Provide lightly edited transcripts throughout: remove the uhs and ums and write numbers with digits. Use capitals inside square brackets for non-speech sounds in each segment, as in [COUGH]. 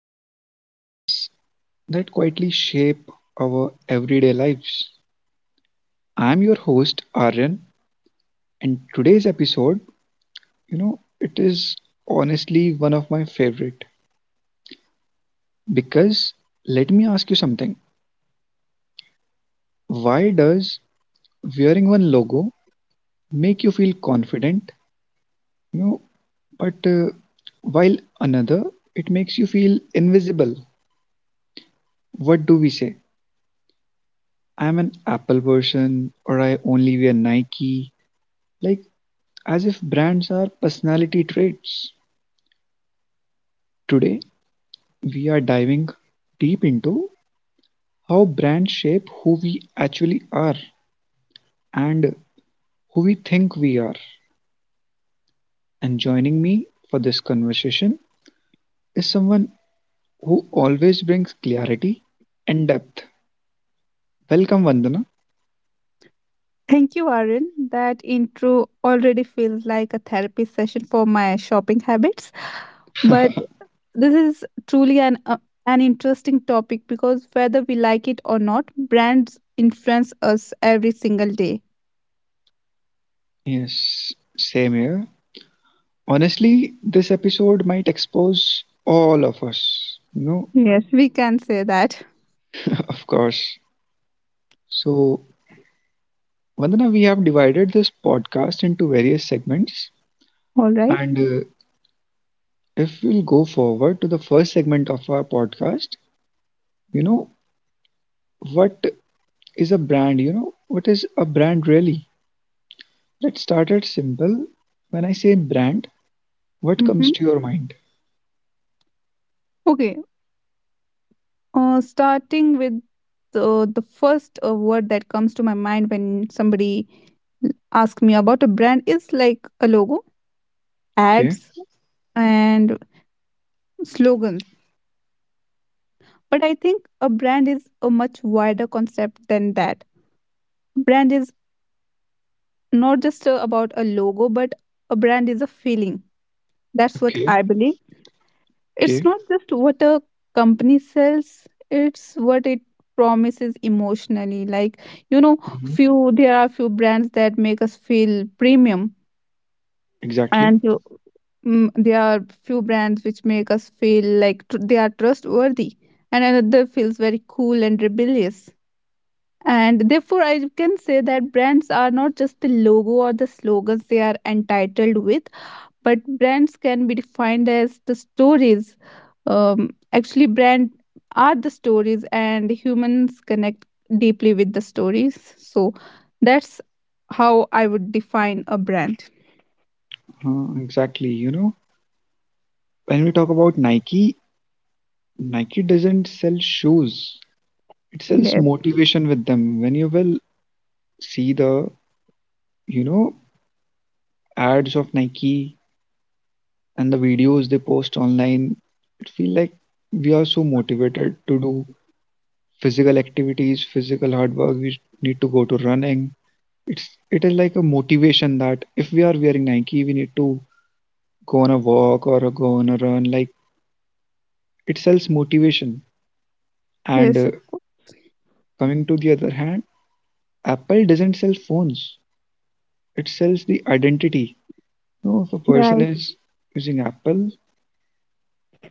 about ideas that quietly shape our everyday lives. I'm your host, Aryan, and today's episode, it is honestly one of my favorite because let me ask you something. Why does wearing one logo make you feel confident, you know, but while another, it makes you feel invisible? What do we say? I'm an Apple person or I only wear Nike, like as if brands are personality traits. Today, we are diving deep into how brands shape who we actually are and who we think we are. And joining me for this conversation is someone who always brings clarity and depth. Welcome, Vandana. Thank you, Aaron. That intro already feels like a therapy session for my shopping habits. But this is truly an interesting topic because whether we like it or not, brands influence us every single day. Yes, same here. Honestly, this episode might expose all of us. No, Yes, we can say that. [LAUGHS] of course. So, Vandana, we have divided this podcast into various segments. All right. And if we'll go forward to the first segment of our podcast, you know, what is a brand? What is a brand really? Let's start it simple. When I say brand, what Mm-hmm. comes to your mind? Okay. Starting with the first word that comes to my mind when somebody asks me about a brand is like a logo, Okay, ads, and slogans. But I think a brand is a much wider concept than that. Brand is not just about a logo, but a brand is a feeling. That's what okay, I believe. It's okay. not just what a company sells, it's what it promises emotionally. Like, you know, Hmm. few there are few brands that make us feel premium, Exactly. and there are few brands which make us feel like they are trustworthy, and another feels very cool and rebellious. And therefore, I can say that brands are not just the logo or the slogans they are entitled with, but brands can be defined as the stories. Actually, brand are the stories, and humans connect deeply with the stories. So that's how I would define a brand. Exactly. When we talk about Nike, Nike doesn't sell shoes, it sells Yes. motivation with them. When you will see the you know ads of Nike and the videos they post online, it feel like we are so motivated to do physical activities, physical hard work. We need to go to running. It is like a motivation that if we are wearing Nike, we need to go on a walk or go on a run. Like it sells motivation. And Yes, of uh, course. coming to the other hand, Apple doesn't sell phones. It sells the identity. If a person Right. is using Apple,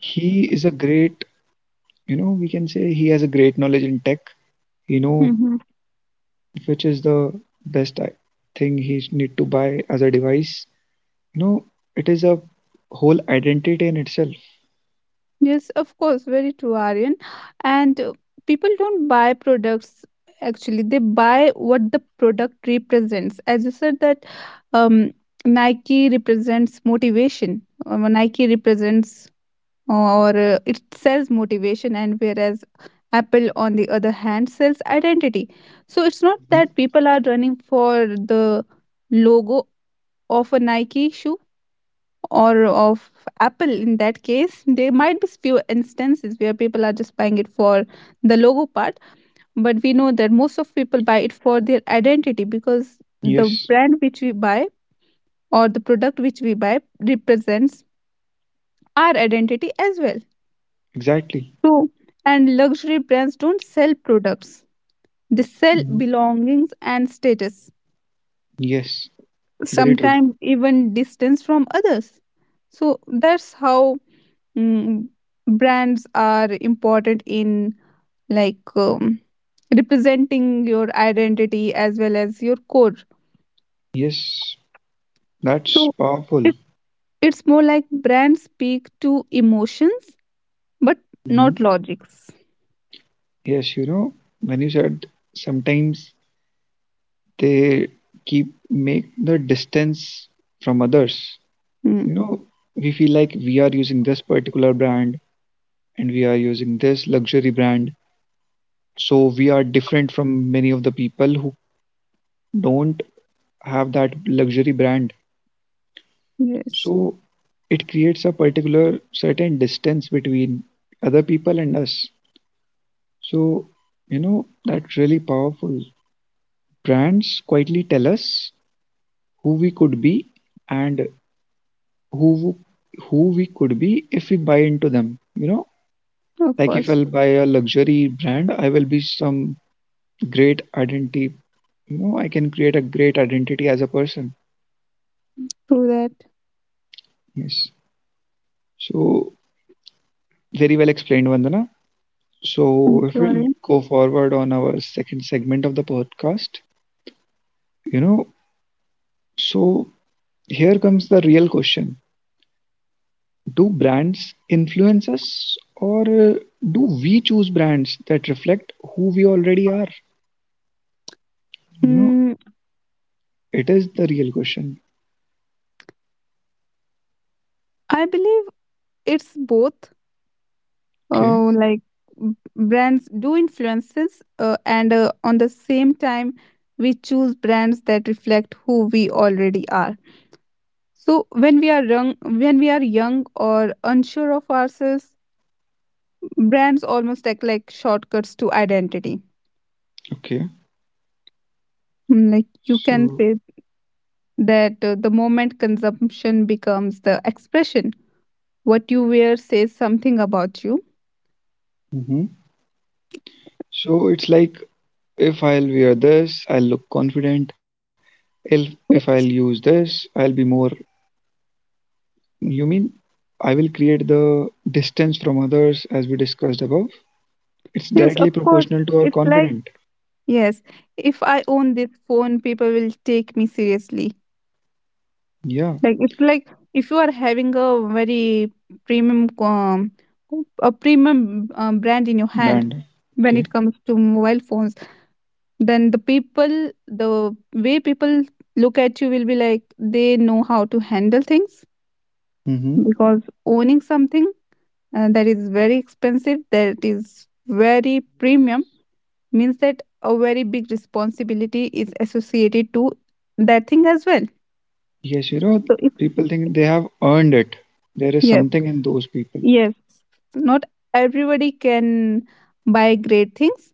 he is a great, we can say he has a great knowledge in tech, you know Hmm. which is the best thing he need to buy as a device. you know it is a whole identity in itself. Yes, of course. Very true, Aryan. And people don't buy products, actually, they buy what the product represents. As you said, that um, Nike represents motivation, Nike represents or it sells motivation, and whereas Apple on the other hand sells identity. So it's not that Mhm. people are running for the logo of a Nike shoe or of Apple. In that case, there might be few instances where people are just buying it for the logo part, but we know that most of people buy it for their identity, because the Yes, brand which we buy or the product which we buy represents our identity as well. exactly. True. And luxury brands don't sell products, they sell Mhm. belongings and status, Yes, very true. sometimes even distance from others. So that's how mm, brands are important in, like, representing your identity as well as your core. Yes, that's So powerful. it, it's more like brands speak to emotions but not Hmm. logics. Yes, you know when you said sometimes they keep make the distance from others, you Mm, know we feel like we are using this particular brand, and we are using this luxury brand. So we are different from many of the people who don't have that luxury brand. yes, So it creates a particular certain distance between other people and us. So, that's really powerful. Brands quietly tell us who we could be, and who who we could be if we buy into them. You know, of like if course. I'll buy a luxury brand, I will be some great identity. I can create a great identity as a person. True that. Yes. So, very well explained, Vandana. Thank So, if you, we'll Arun. go forward on our second segment of the podcast, you know, so here comes the real question. Do brands influence us, or do we choose brands that reflect who we already are? You know, Hmm. it is the real question. I believe it's both. Okay, Like brands do influences, and on the same time, we choose brands that reflect who we already are. So when we are young or unsure of ourselves, brands almost act like shortcuts to identity. okay. Like you can So, say that the moment consumption becomes the expression, what you wear says something about you. mhm, so it's like, if I'll wear this, I'll look confident. If I'll use this, I'll be more. You mean I will create the distance from others as we discussed above? It's Yes, directly of course. proportional to our It's like, confident. yes, if I own this phone, people will take me seriously. Yeah, Like if you are having premium um, a premium brand in your hand brand. when Okay. it comes to mobile phones, then the way people look at you will be like they know how to handle things, Mm-hmm. because owning something that is very expensive, that is very premium, means that a very big responsibility is associated to that thing as well. Yes, So it's people think they have earned it. There is yes, something in those people. yes, not everybody can buy great things.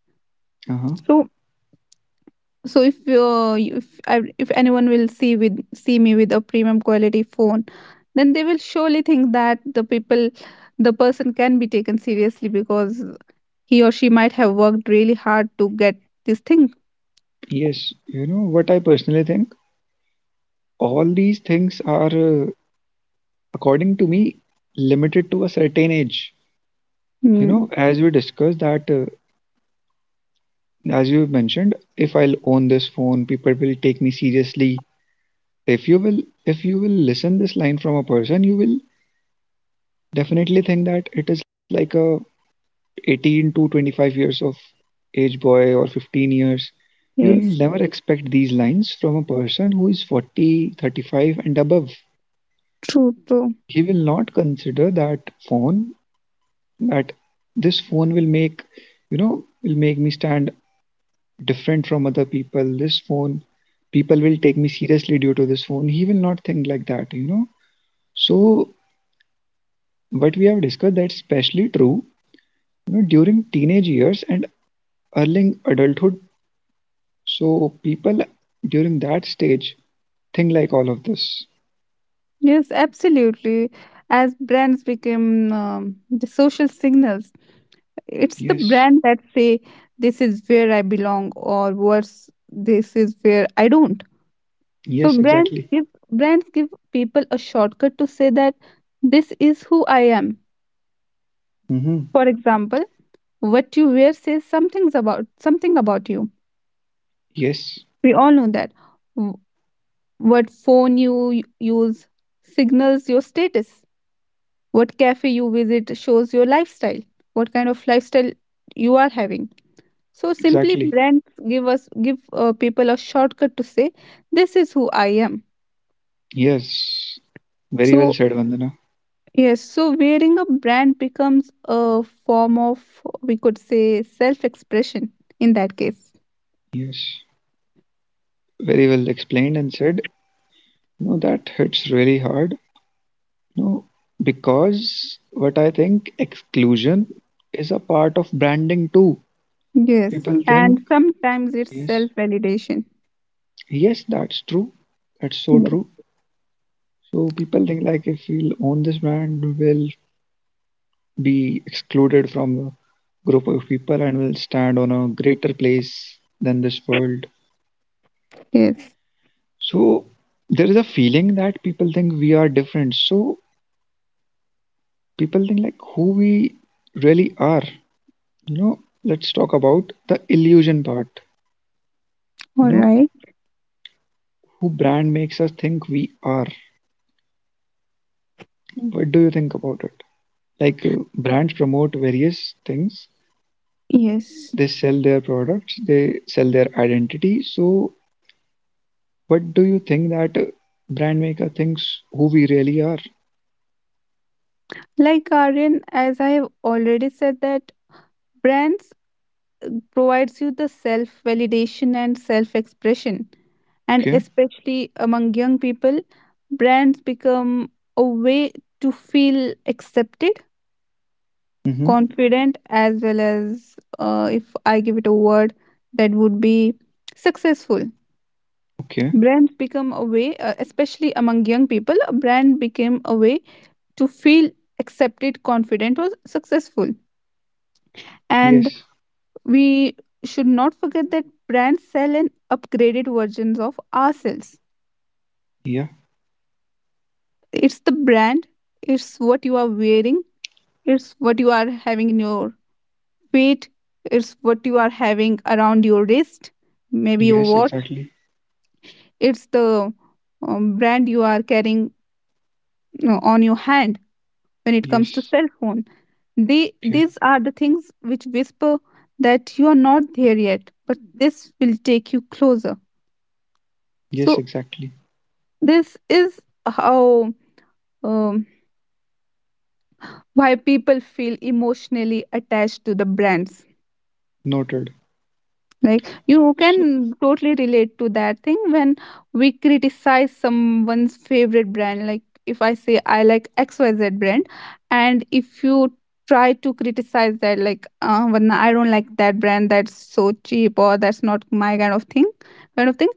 Uh-huh. So so if if anyone will see with see me with a premium quality phone, then they will surely think that the person can be taken seriously because he or she might have worked really hard to get this thing. Yes, you know what I personally think? All these things are, according to me, limited to a certain age. You know, Mm, as we discussed, that as you mentioned, if I'll own this phone, people will take me seriously. If you will listen this line from a person, you will definitely think that it is like a 18 to 25 years of age boy, or 15 years. You'll yes, never expect these lines from a person who is 40 35 and above. true, true. He will not consider that phone, that this phone will make, will make me stand different from other people. This phone, people will take me seriously due to this phone. He will not think like that. So what we have discussed, that's especially true during teenage years and early adulthood. So people during that stage think like all of this. Yes, absolutely. As brands become the social signals, it's the Yes. brand that say this is where I belong, or worse, this is where I don't. So Yes, brands exactly. give brands give people a shortcut to say that this is who I am. Mm-hmm. For example, what you wear says something about you. Yes, We all know that. W- What phone you use signals your status. What cafe you visit shows your lifestyle. What kind of lifestyle you are having. So simply exactly. brands give people a shortcut to say this is who I am. Yes, very well So said, Vandana. yes, so wearing a brand becomes a form of, we could say, self expression in that case. Yes, very well explained and said. No, that hits really hard. No, because what I think, exclusion is a part of branding too. Yes, People and think, sometimes it's yes, self validation. yes, that's true. That's so true. So people think like if we'll own this brand, we'll be excluded from a group of people and will stand on a greater place than this world. Yes. So there is a feeling that people think we are different. So people think like who we really are. Let's talk about the illusion part. You All know, right. who brand makes us think we are. What do you think about it? Like, brands promote various things. Yes. They sell their products. They sell their identity. So what do you think that brand maker thinks who we really are? Like Aryan, as I have already said that brands provides you the self validation and self expression. And Okay. especially among young people, brands become a way to feel accepted, Mm-hmm. confident, as well as, if I give it a word, that would be successful. Okay. Brands become a way, especially among young people, a brand became a way to feel accepted, confident, or successful. And Yes. we should not forget that brands sell an upgraded versions of ourselves. Yeah. It's the brand, it's what you are wearing, it's what you are having in your feet, it's what you are having around your wrist, maybe your Yes. watch. Exactly. It's the brand you are carrying, on your hand when it comes to Yes. cell phone. They Okay. these are the things which whisper that you are not there yet, but this will take you closer. Yes. So Exactly. this is how, um, why people feel emotionally attached to the brands. Noted. Like you So. can totally relate to that thing when we criticize someone's favorite brand. Like if I say I like XYZ brand, and if you try to criticize that, like, when I don't like that brand, that's so cheap or that's not my kind of thing,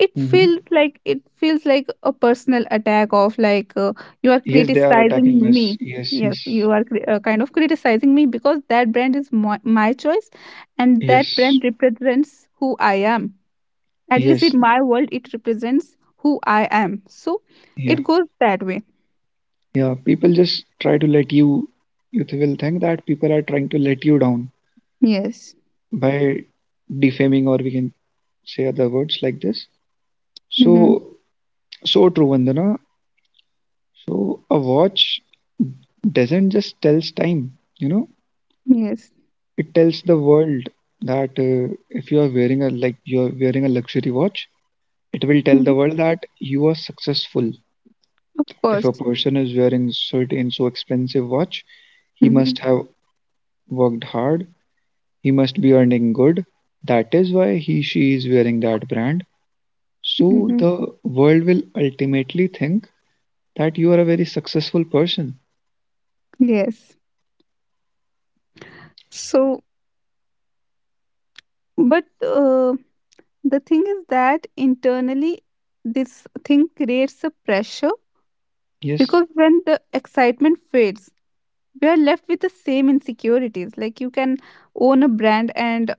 it Mm-hmm. feels like it feels like a personal attack of, like, you are Yes, they are criticizing attacking us. me. Yes. Yes, Yes. you are kind of criticizing me because that brand is my choice, and that Yes. brand represents who I am. At least Yes. in my world it represents who I am, so Yeah. it goes that way. Yeah, people just try to let you, you will think that people are trying to let you down Yes. by defaming, or we can say other words like this. Mm-hmm. So, so true, Vandana. So, a watch doesn't just tells time, Yes. it tells the world that, if you are wearing a like you are wearing a luxury watch, it will tell the Hmm. world that you are successful. Of If a course. person is wearing certain so expensive watch, he must Hmm. have worked hard. He must be earning good. That is why he she is wearing that brand. So Hmm. the world will ultimately think that you are a very successful person. Yes. So, but the thing is that internally, this thing creates a pressure, Yes, because when the excitement fades, we are left with the same insecurities. Like, you can own a brand, and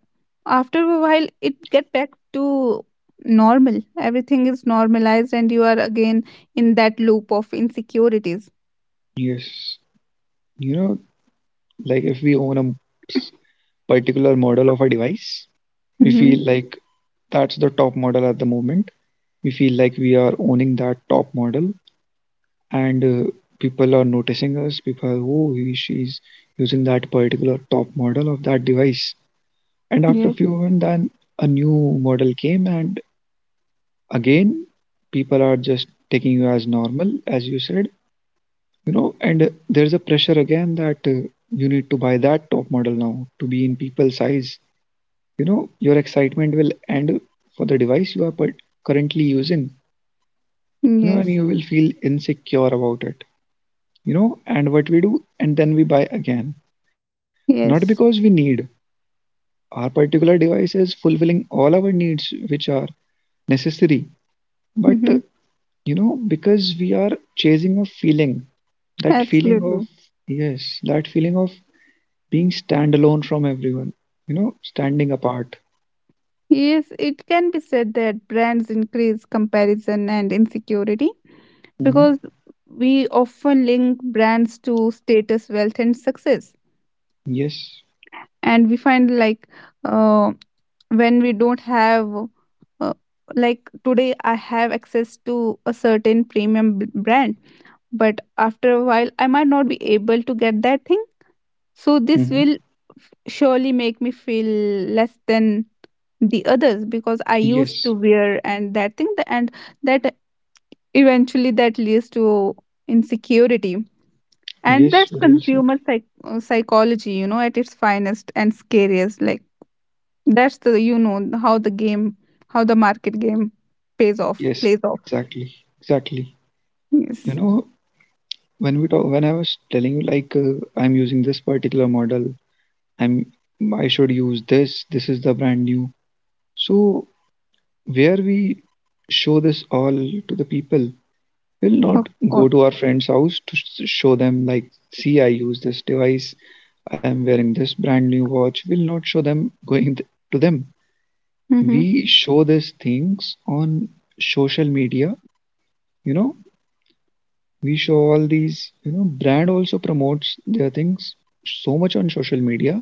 after a while, it get back to normal. Everything is normalized, and you are again in that loop of insecurities. yes. You know, like if we own a particular model of a device, we feel Mm-hmm. like that's the top model at the moment. We feel like we are owning that top model, and people are noticing us. People are, oh, he, she's using that particular top model of that device. And after Yes, few months, then a new model came, and again, people are just taking you as normal, as you said. And there's a pressure again that, you need to buy that top model now to be in people's eyes. Your excitement will end for the device you are currently using, and yes, you will feel insecure about it. And what we do? And then we buy again, not because we yes. need. Our particular device is fulfilling all our needs, which are necessary, but Mm-hmm. because we are chasing a feeling, that feeling of, Absolutely. yes, that feeling of being standalone from everyone, standing apart. Yes, it can be said that brands increase comparison and insecurity, Hmm. because we often link brands to status, wealth, and success. Yes. And we find, like, uh, when we don't have, uh, like, today I have access to a certain premium brand, but after a while, I might not be able to get that thing. So, this Hmm. will surely make me feel less than the others, because I used Yes. to wear and that thing, and that, eventually that leads to insecurity. And Yes, that's very well said. consumer psychology, at its finest and scariest. Like, that's the you know how the game how the market game pays off Yes, plays off. exactly. Exactly. You Yes, know, when we talk, when I was telling you, like, I'm using this particular model. I'm, I should use this, is the brand new. So, where we show this all to the people, we'll not of go course. to our friend's house to show them, like, see, I use this device, I am wearing this brand new watch. We'll not show them going to them. Mm-hmm. We show these things on social media, you know, we show all these, brand also promotes their things so much on social media.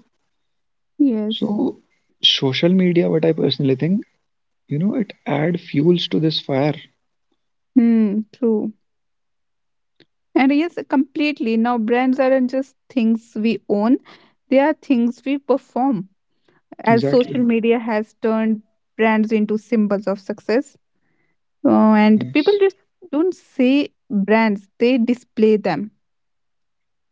Yes. So, social media, what I personally think, it add fuels to this fire. Hmm. True. And yes, completely, now brands aren't just things we own, they are things we perform, as social Exactly. media has turned brands into symbols of success, and people Yes. just don't say brands, they display them.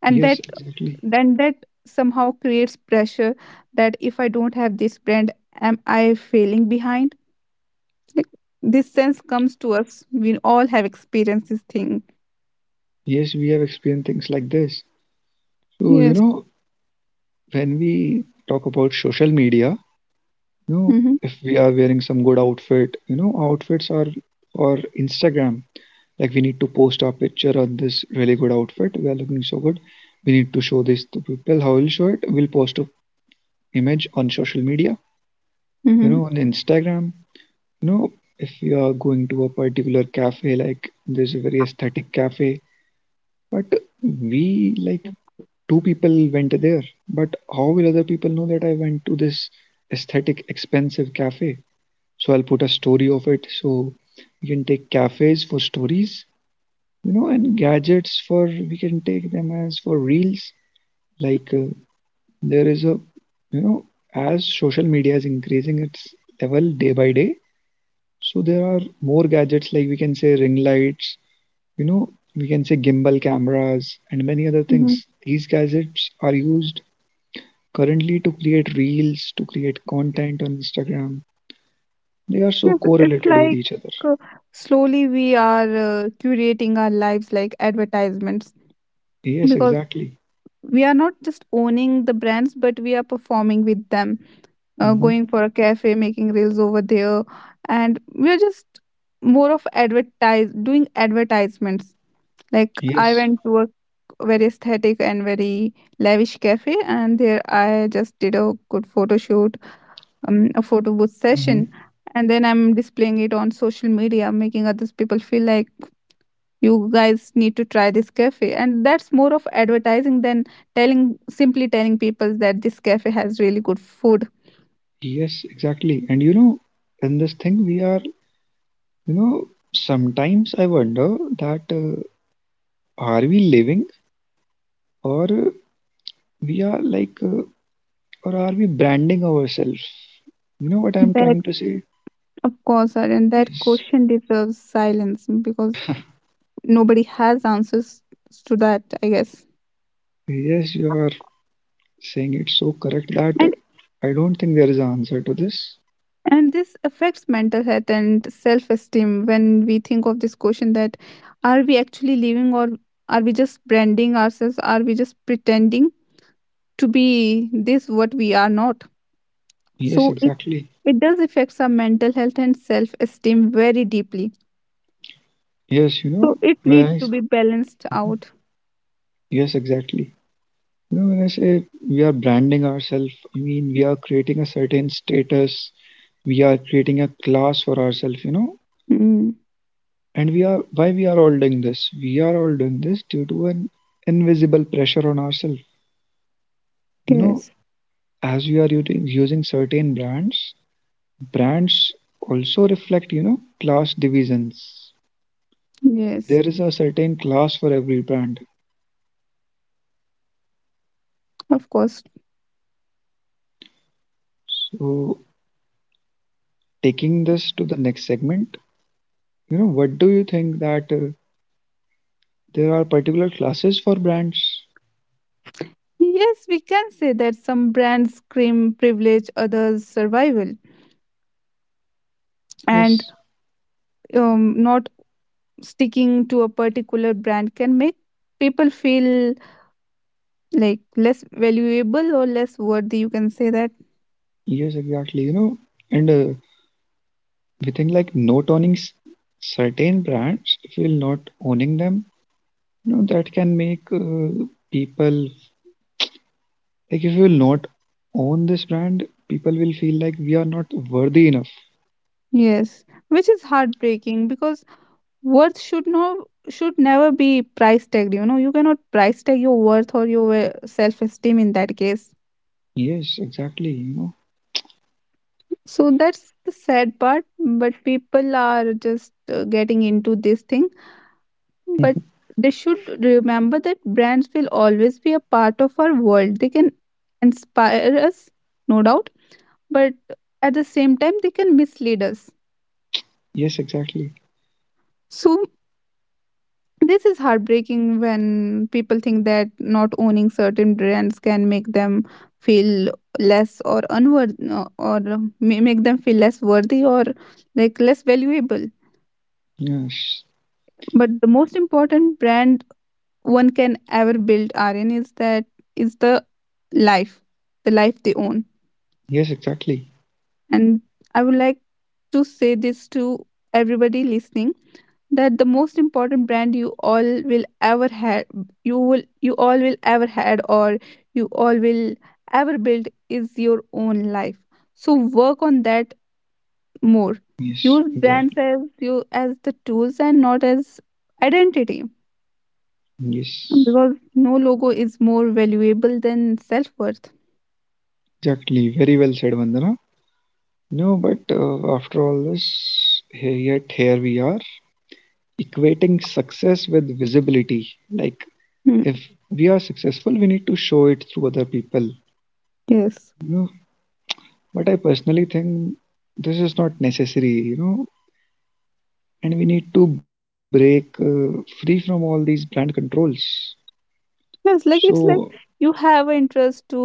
And Yes, that exactly. then that somehow creates pressure that if I don't have this brand, am I failing behind? Like, this sense comes to us, we all have experienced this thing. Yes, we have experienced things like this. So, Yes. When we talk about social media, you know, Mm-hmm. if we are wearing some good outfit, outfits are, or Instagram. Like we need to post our picture on this really good outfit. We are looking so good. We need to show this to people. How will show it? We'll post a image on social media. You Mm-hmm. know, on Instagram. You know, if you are going to a particular cafe, like there's a very aesthetic cafe, but we like two people went there, but how will other people know that I went to this aesthetic, expensive cafe? So I'll put a story of it. So we can take cafes for stories, and gadgets for we can take them as for reels. Like, there is a, you know, as social media is increasing its level day by day, so there are more gadgets, like we can say ring lights, we can say gimbal cameras and many other Mm-hmm. things. These gadgets are used currently to create reels, to create content on Instagram, they are so Yes, it's correlated with like, each other. uh, slowly we are, curating our lives like advertisements, Yes, because exactly. we are not just owning the brands but we are performing with them, Hmm. going for a cafe, making reels over there, and we're just more of advertise doing advertisements. Like, I Yes. went to a very aesthetic and very lavish cafe, and there I just did a good photo shoot, a photo booth Hmm. session, and then I'm displaying it on social media, making others people feel like, you guys need to try this cafe, and that's more of advertising than telling simply telling people that this cafe has really good food. Yes, exactly. And in this thing, we are, you know, sometimes I wonder that are we living or we are or are we branding ourselves? You know what I'm trying That to say? Of course, Aryan, that Yes. question deserves silence because nobody has answers to that, I guess. Yes, you are saying it so correct that And I don't think there is an answer to this. and this affects mental health and self esteem when we think of this question that, are we actually living, or are we just branding ourselves? Are we just pretending to be this what we are not? Yes, So it, exactly. it does affects our mental health and self esteem very deeply. Yes, So it when I, need s- to be balanced out. yes, exactly. You know, when I say we are branding ourselves, I mean we are creating a certain status, we are creating a class for ourselves, you know. Mm, And we are, why we are all doing this? We are all doing this due to an invisible pressure on ourselves. You know, yes. as we are using certain brands, brands also reflect, you know, class divisions. There Yes. is a certain class for every brand. Of course. So, taking this to the next segment. You know, what do you think that there are particular classes for brands? Yes, we can say that some brands scream privilege, others survival, Yes, and not sticking to a particular brand can make people feel like less valuable or less worthy. You can say that. yes, exactly. You know, and we think like not owning certain brands, if you're not owning them, you know, that can make people, like if you will not own this brand, people will feel like we are not worthy enough. Yes, which is heartbreaking, because worth should should never be price tagged. You know, you cannot price tag your worth or your self esteem in that case. Yes, exactly. You know. So that's the sad part. But people are just getting into this thing. But Mhm. they should remember that brands will always be a part of our world. They can inspire us, no doubt, but at the same time, they can mislead us. Yes, exactly. So, this is heartbreaking when people think that not owning certain brands can make them feel less or unworthy or may make them feel less worthy or like less valuable. Yes, But the most important brand one can ever build RN is that is life, the life they own. yes, exactly. And I would like to say this to everybody listening that the most important brand you all will ever have you will you all will ever had or you all will ever build is your own life, so work on that more. Yes, Use exactly. brands as you as the tools and not as identity, Yes, because no logo is more valuable than self-worth. exactly. Very well said, Vandana. No, but after all this, here, yet here we are equating success with visibility. Like, Hmm. if we are successful, we need to show it through other people. Yes. You know, but I personally think this is not necessary. You know, and we need to break free from all these brand controls. So, Yes, like it's like you have an interest to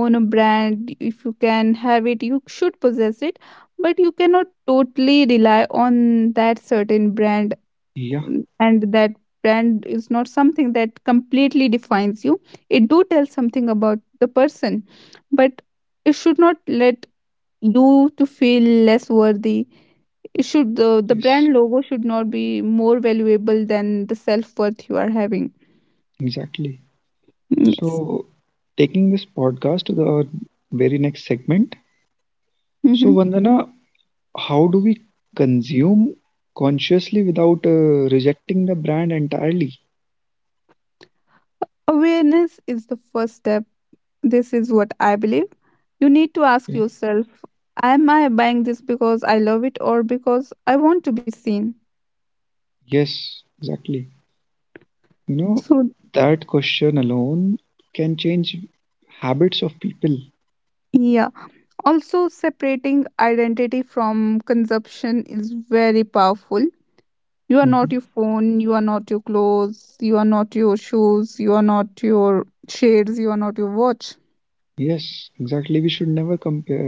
own a brand. If you can have it, you should possess it, but you cannot totally rely on that certain brand. yeah, And that brand is not something that completely defines you. It do tell something about the person, but it should not let you to feel less worthy. It should, the yes, brand logo should not be more valuable than the self worth you are having. exactly. Mm. Yes. So, taking this podcast to the very next segment. So, Hmm. Vandana, how do we consume consciously without rejecting the brand entirely? Awareness is the first step. This is what I believe. You need to Yeah. ask yourself, am I buying this because I love it or because I want to be seen? Yes, exactly. You know, So, that question alone can change habits of people. yeah. Also, separating identity from consumption is very powerful. You are Mhm. not your phone, you are not your clothes, you are not your shoes, you are not your shades, you are not your watch. Yes, exactly. We should never compare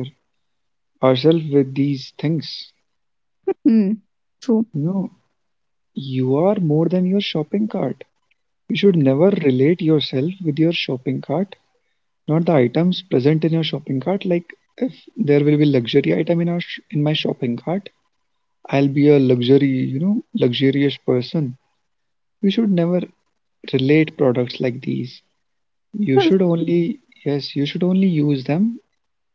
ourselves with these things. Hmm. True. You know, you are more than your shopping cart. You should never relate yourself with your shopping cart, not the items present in your shopping cart. Like if there will be luxury item in in my shopping cart, I'll be a luxury, you know, luxurious person. You should never relate products like these. You should Yes, only, yes, you should only use them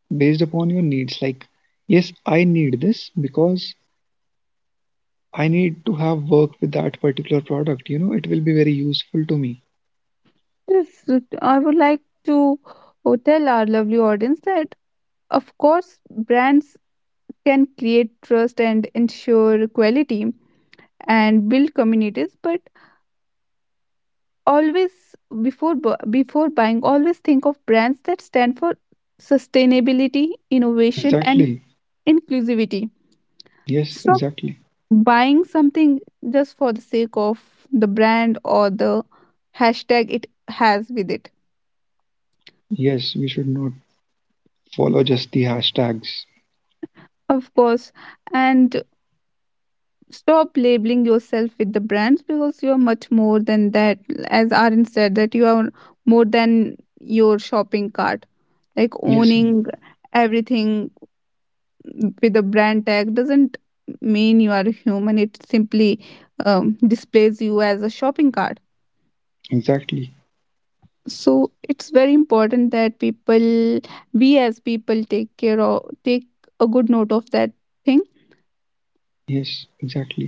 based upon your needs. Like, yes, I need this because I need to have work with that particular product. You know, it will be very useful to me. yes, I would like to tell our lovely audience that, of course, brands can create trust and ensure quality and build communities, but always before buying, always think of brands that stand for sustainability, innovation, and Exactly. inclusivity. Yes, Stop exactly. buying something just for the sake of the brand or the hashtag it has with it. Yes, we should not follow just the hashtags. Of course, and stop labeling yourself with the brands, because you are much more than that. As Arun said, that you are more than your shopping cart. Like Yes, owning everything with a brand tag doesn't mean you are a human. It simply displays you as a shopping cart. exactly. So it's very important that people, we as people, take care or take a good note of that thing. Yes, exactly.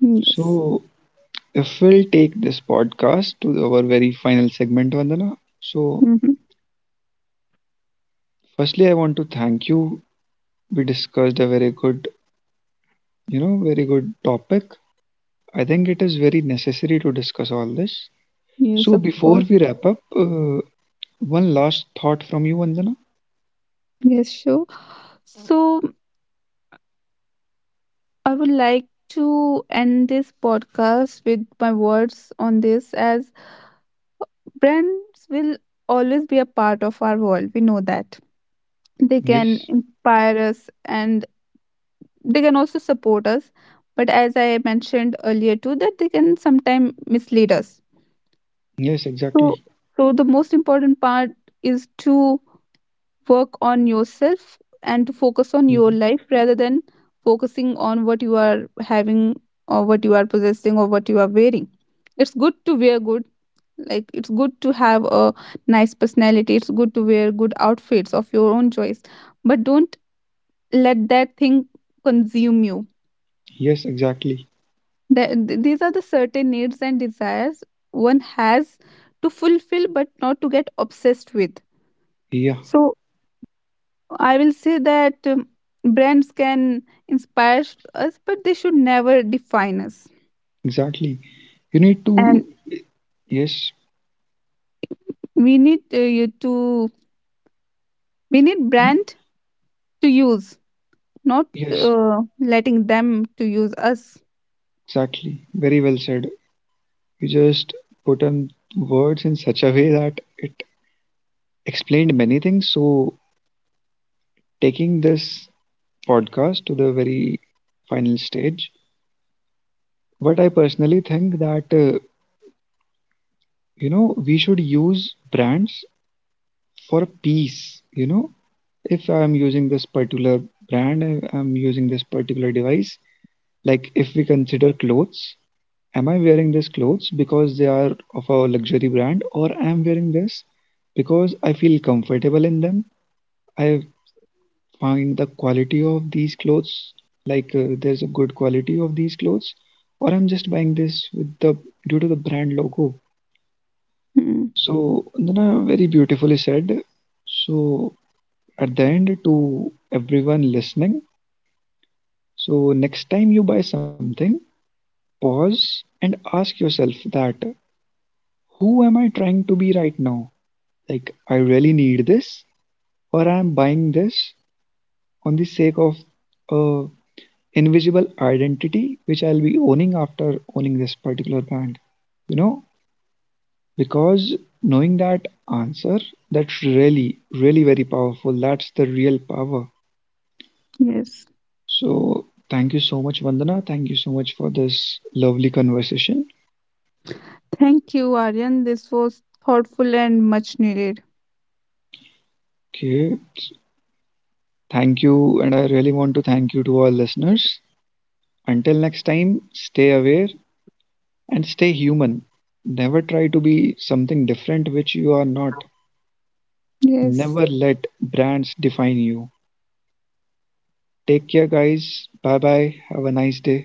Yes. So if we'll take this podcast to our very final segment, Vandana. So, Hmm. firstly, I want to thank you. We discussed a very good, you know, very good topic. I think it is very necessary to discuss all this. So, Yes, of before course. we wrap up, one last thought from you, Vandana. Yes, sure. So I would like to end this podcast with my words on this as brands will always be a part of our world. We know that. They Yes, can inspire us and they can also support us. But as I mentioned earlier too, that they can sometimes mislead us. yes, exactly. So, so the most important part is to work on yourself and to focus on Mhm. your life rather than focusing on what you are having or what you are possessing or what you are wearing. It's good to wear good, like it's good to have a nice personality, it's good to wear good outfits of your own choice, but don't let that thing consume you. Yes, exactly. That, these are the certain needs and desires one has to fulfill but not to get obsessed with. Yeah, So I will say that brands can us, but they should never define us. exactly. You need to, And yes. we need you to we need Hmm? brand to use, not Yes, letting them to use us. exactly. Very well said. You just put on words in such a way that it explained many things. So, taking this podcast to the very final stage, but I personally think that you know we should use brands for peace. You know, if I'm using this particular brand, I'm using this particular device. Like if we consider clothes, am I wearing these clothes because they are of a luxury brand, or I am wearing this because I feel comfortable in them? I find the quality of these clothes like there's a good quality of these clothes or I'm just buying this with the due to the brand logo. Hmm. So Nana very beautifully said. So at the end, to everyone listening, so next time you buy something, pause and ask yourself that, who am I trying to be right now? Like, I really need this, or I am buying this on the sake of a invisible identity which I'll be owning after owning this particular band. You know, because knowing that answer, that's really, really very powerful. That's the real power. Yes. So, thank you so much, Vandana. Thank you so much for this lovely conversation. Thank you, Aryan. This was thoughtful and much needed. Okay. Thank you. And I really want to thank you to our listeners. Until next time, stay aware and stay human. Never try to be something different which you are not. Never Yes. let brands define you. Take care, guys. Bye bye. Have a nice day.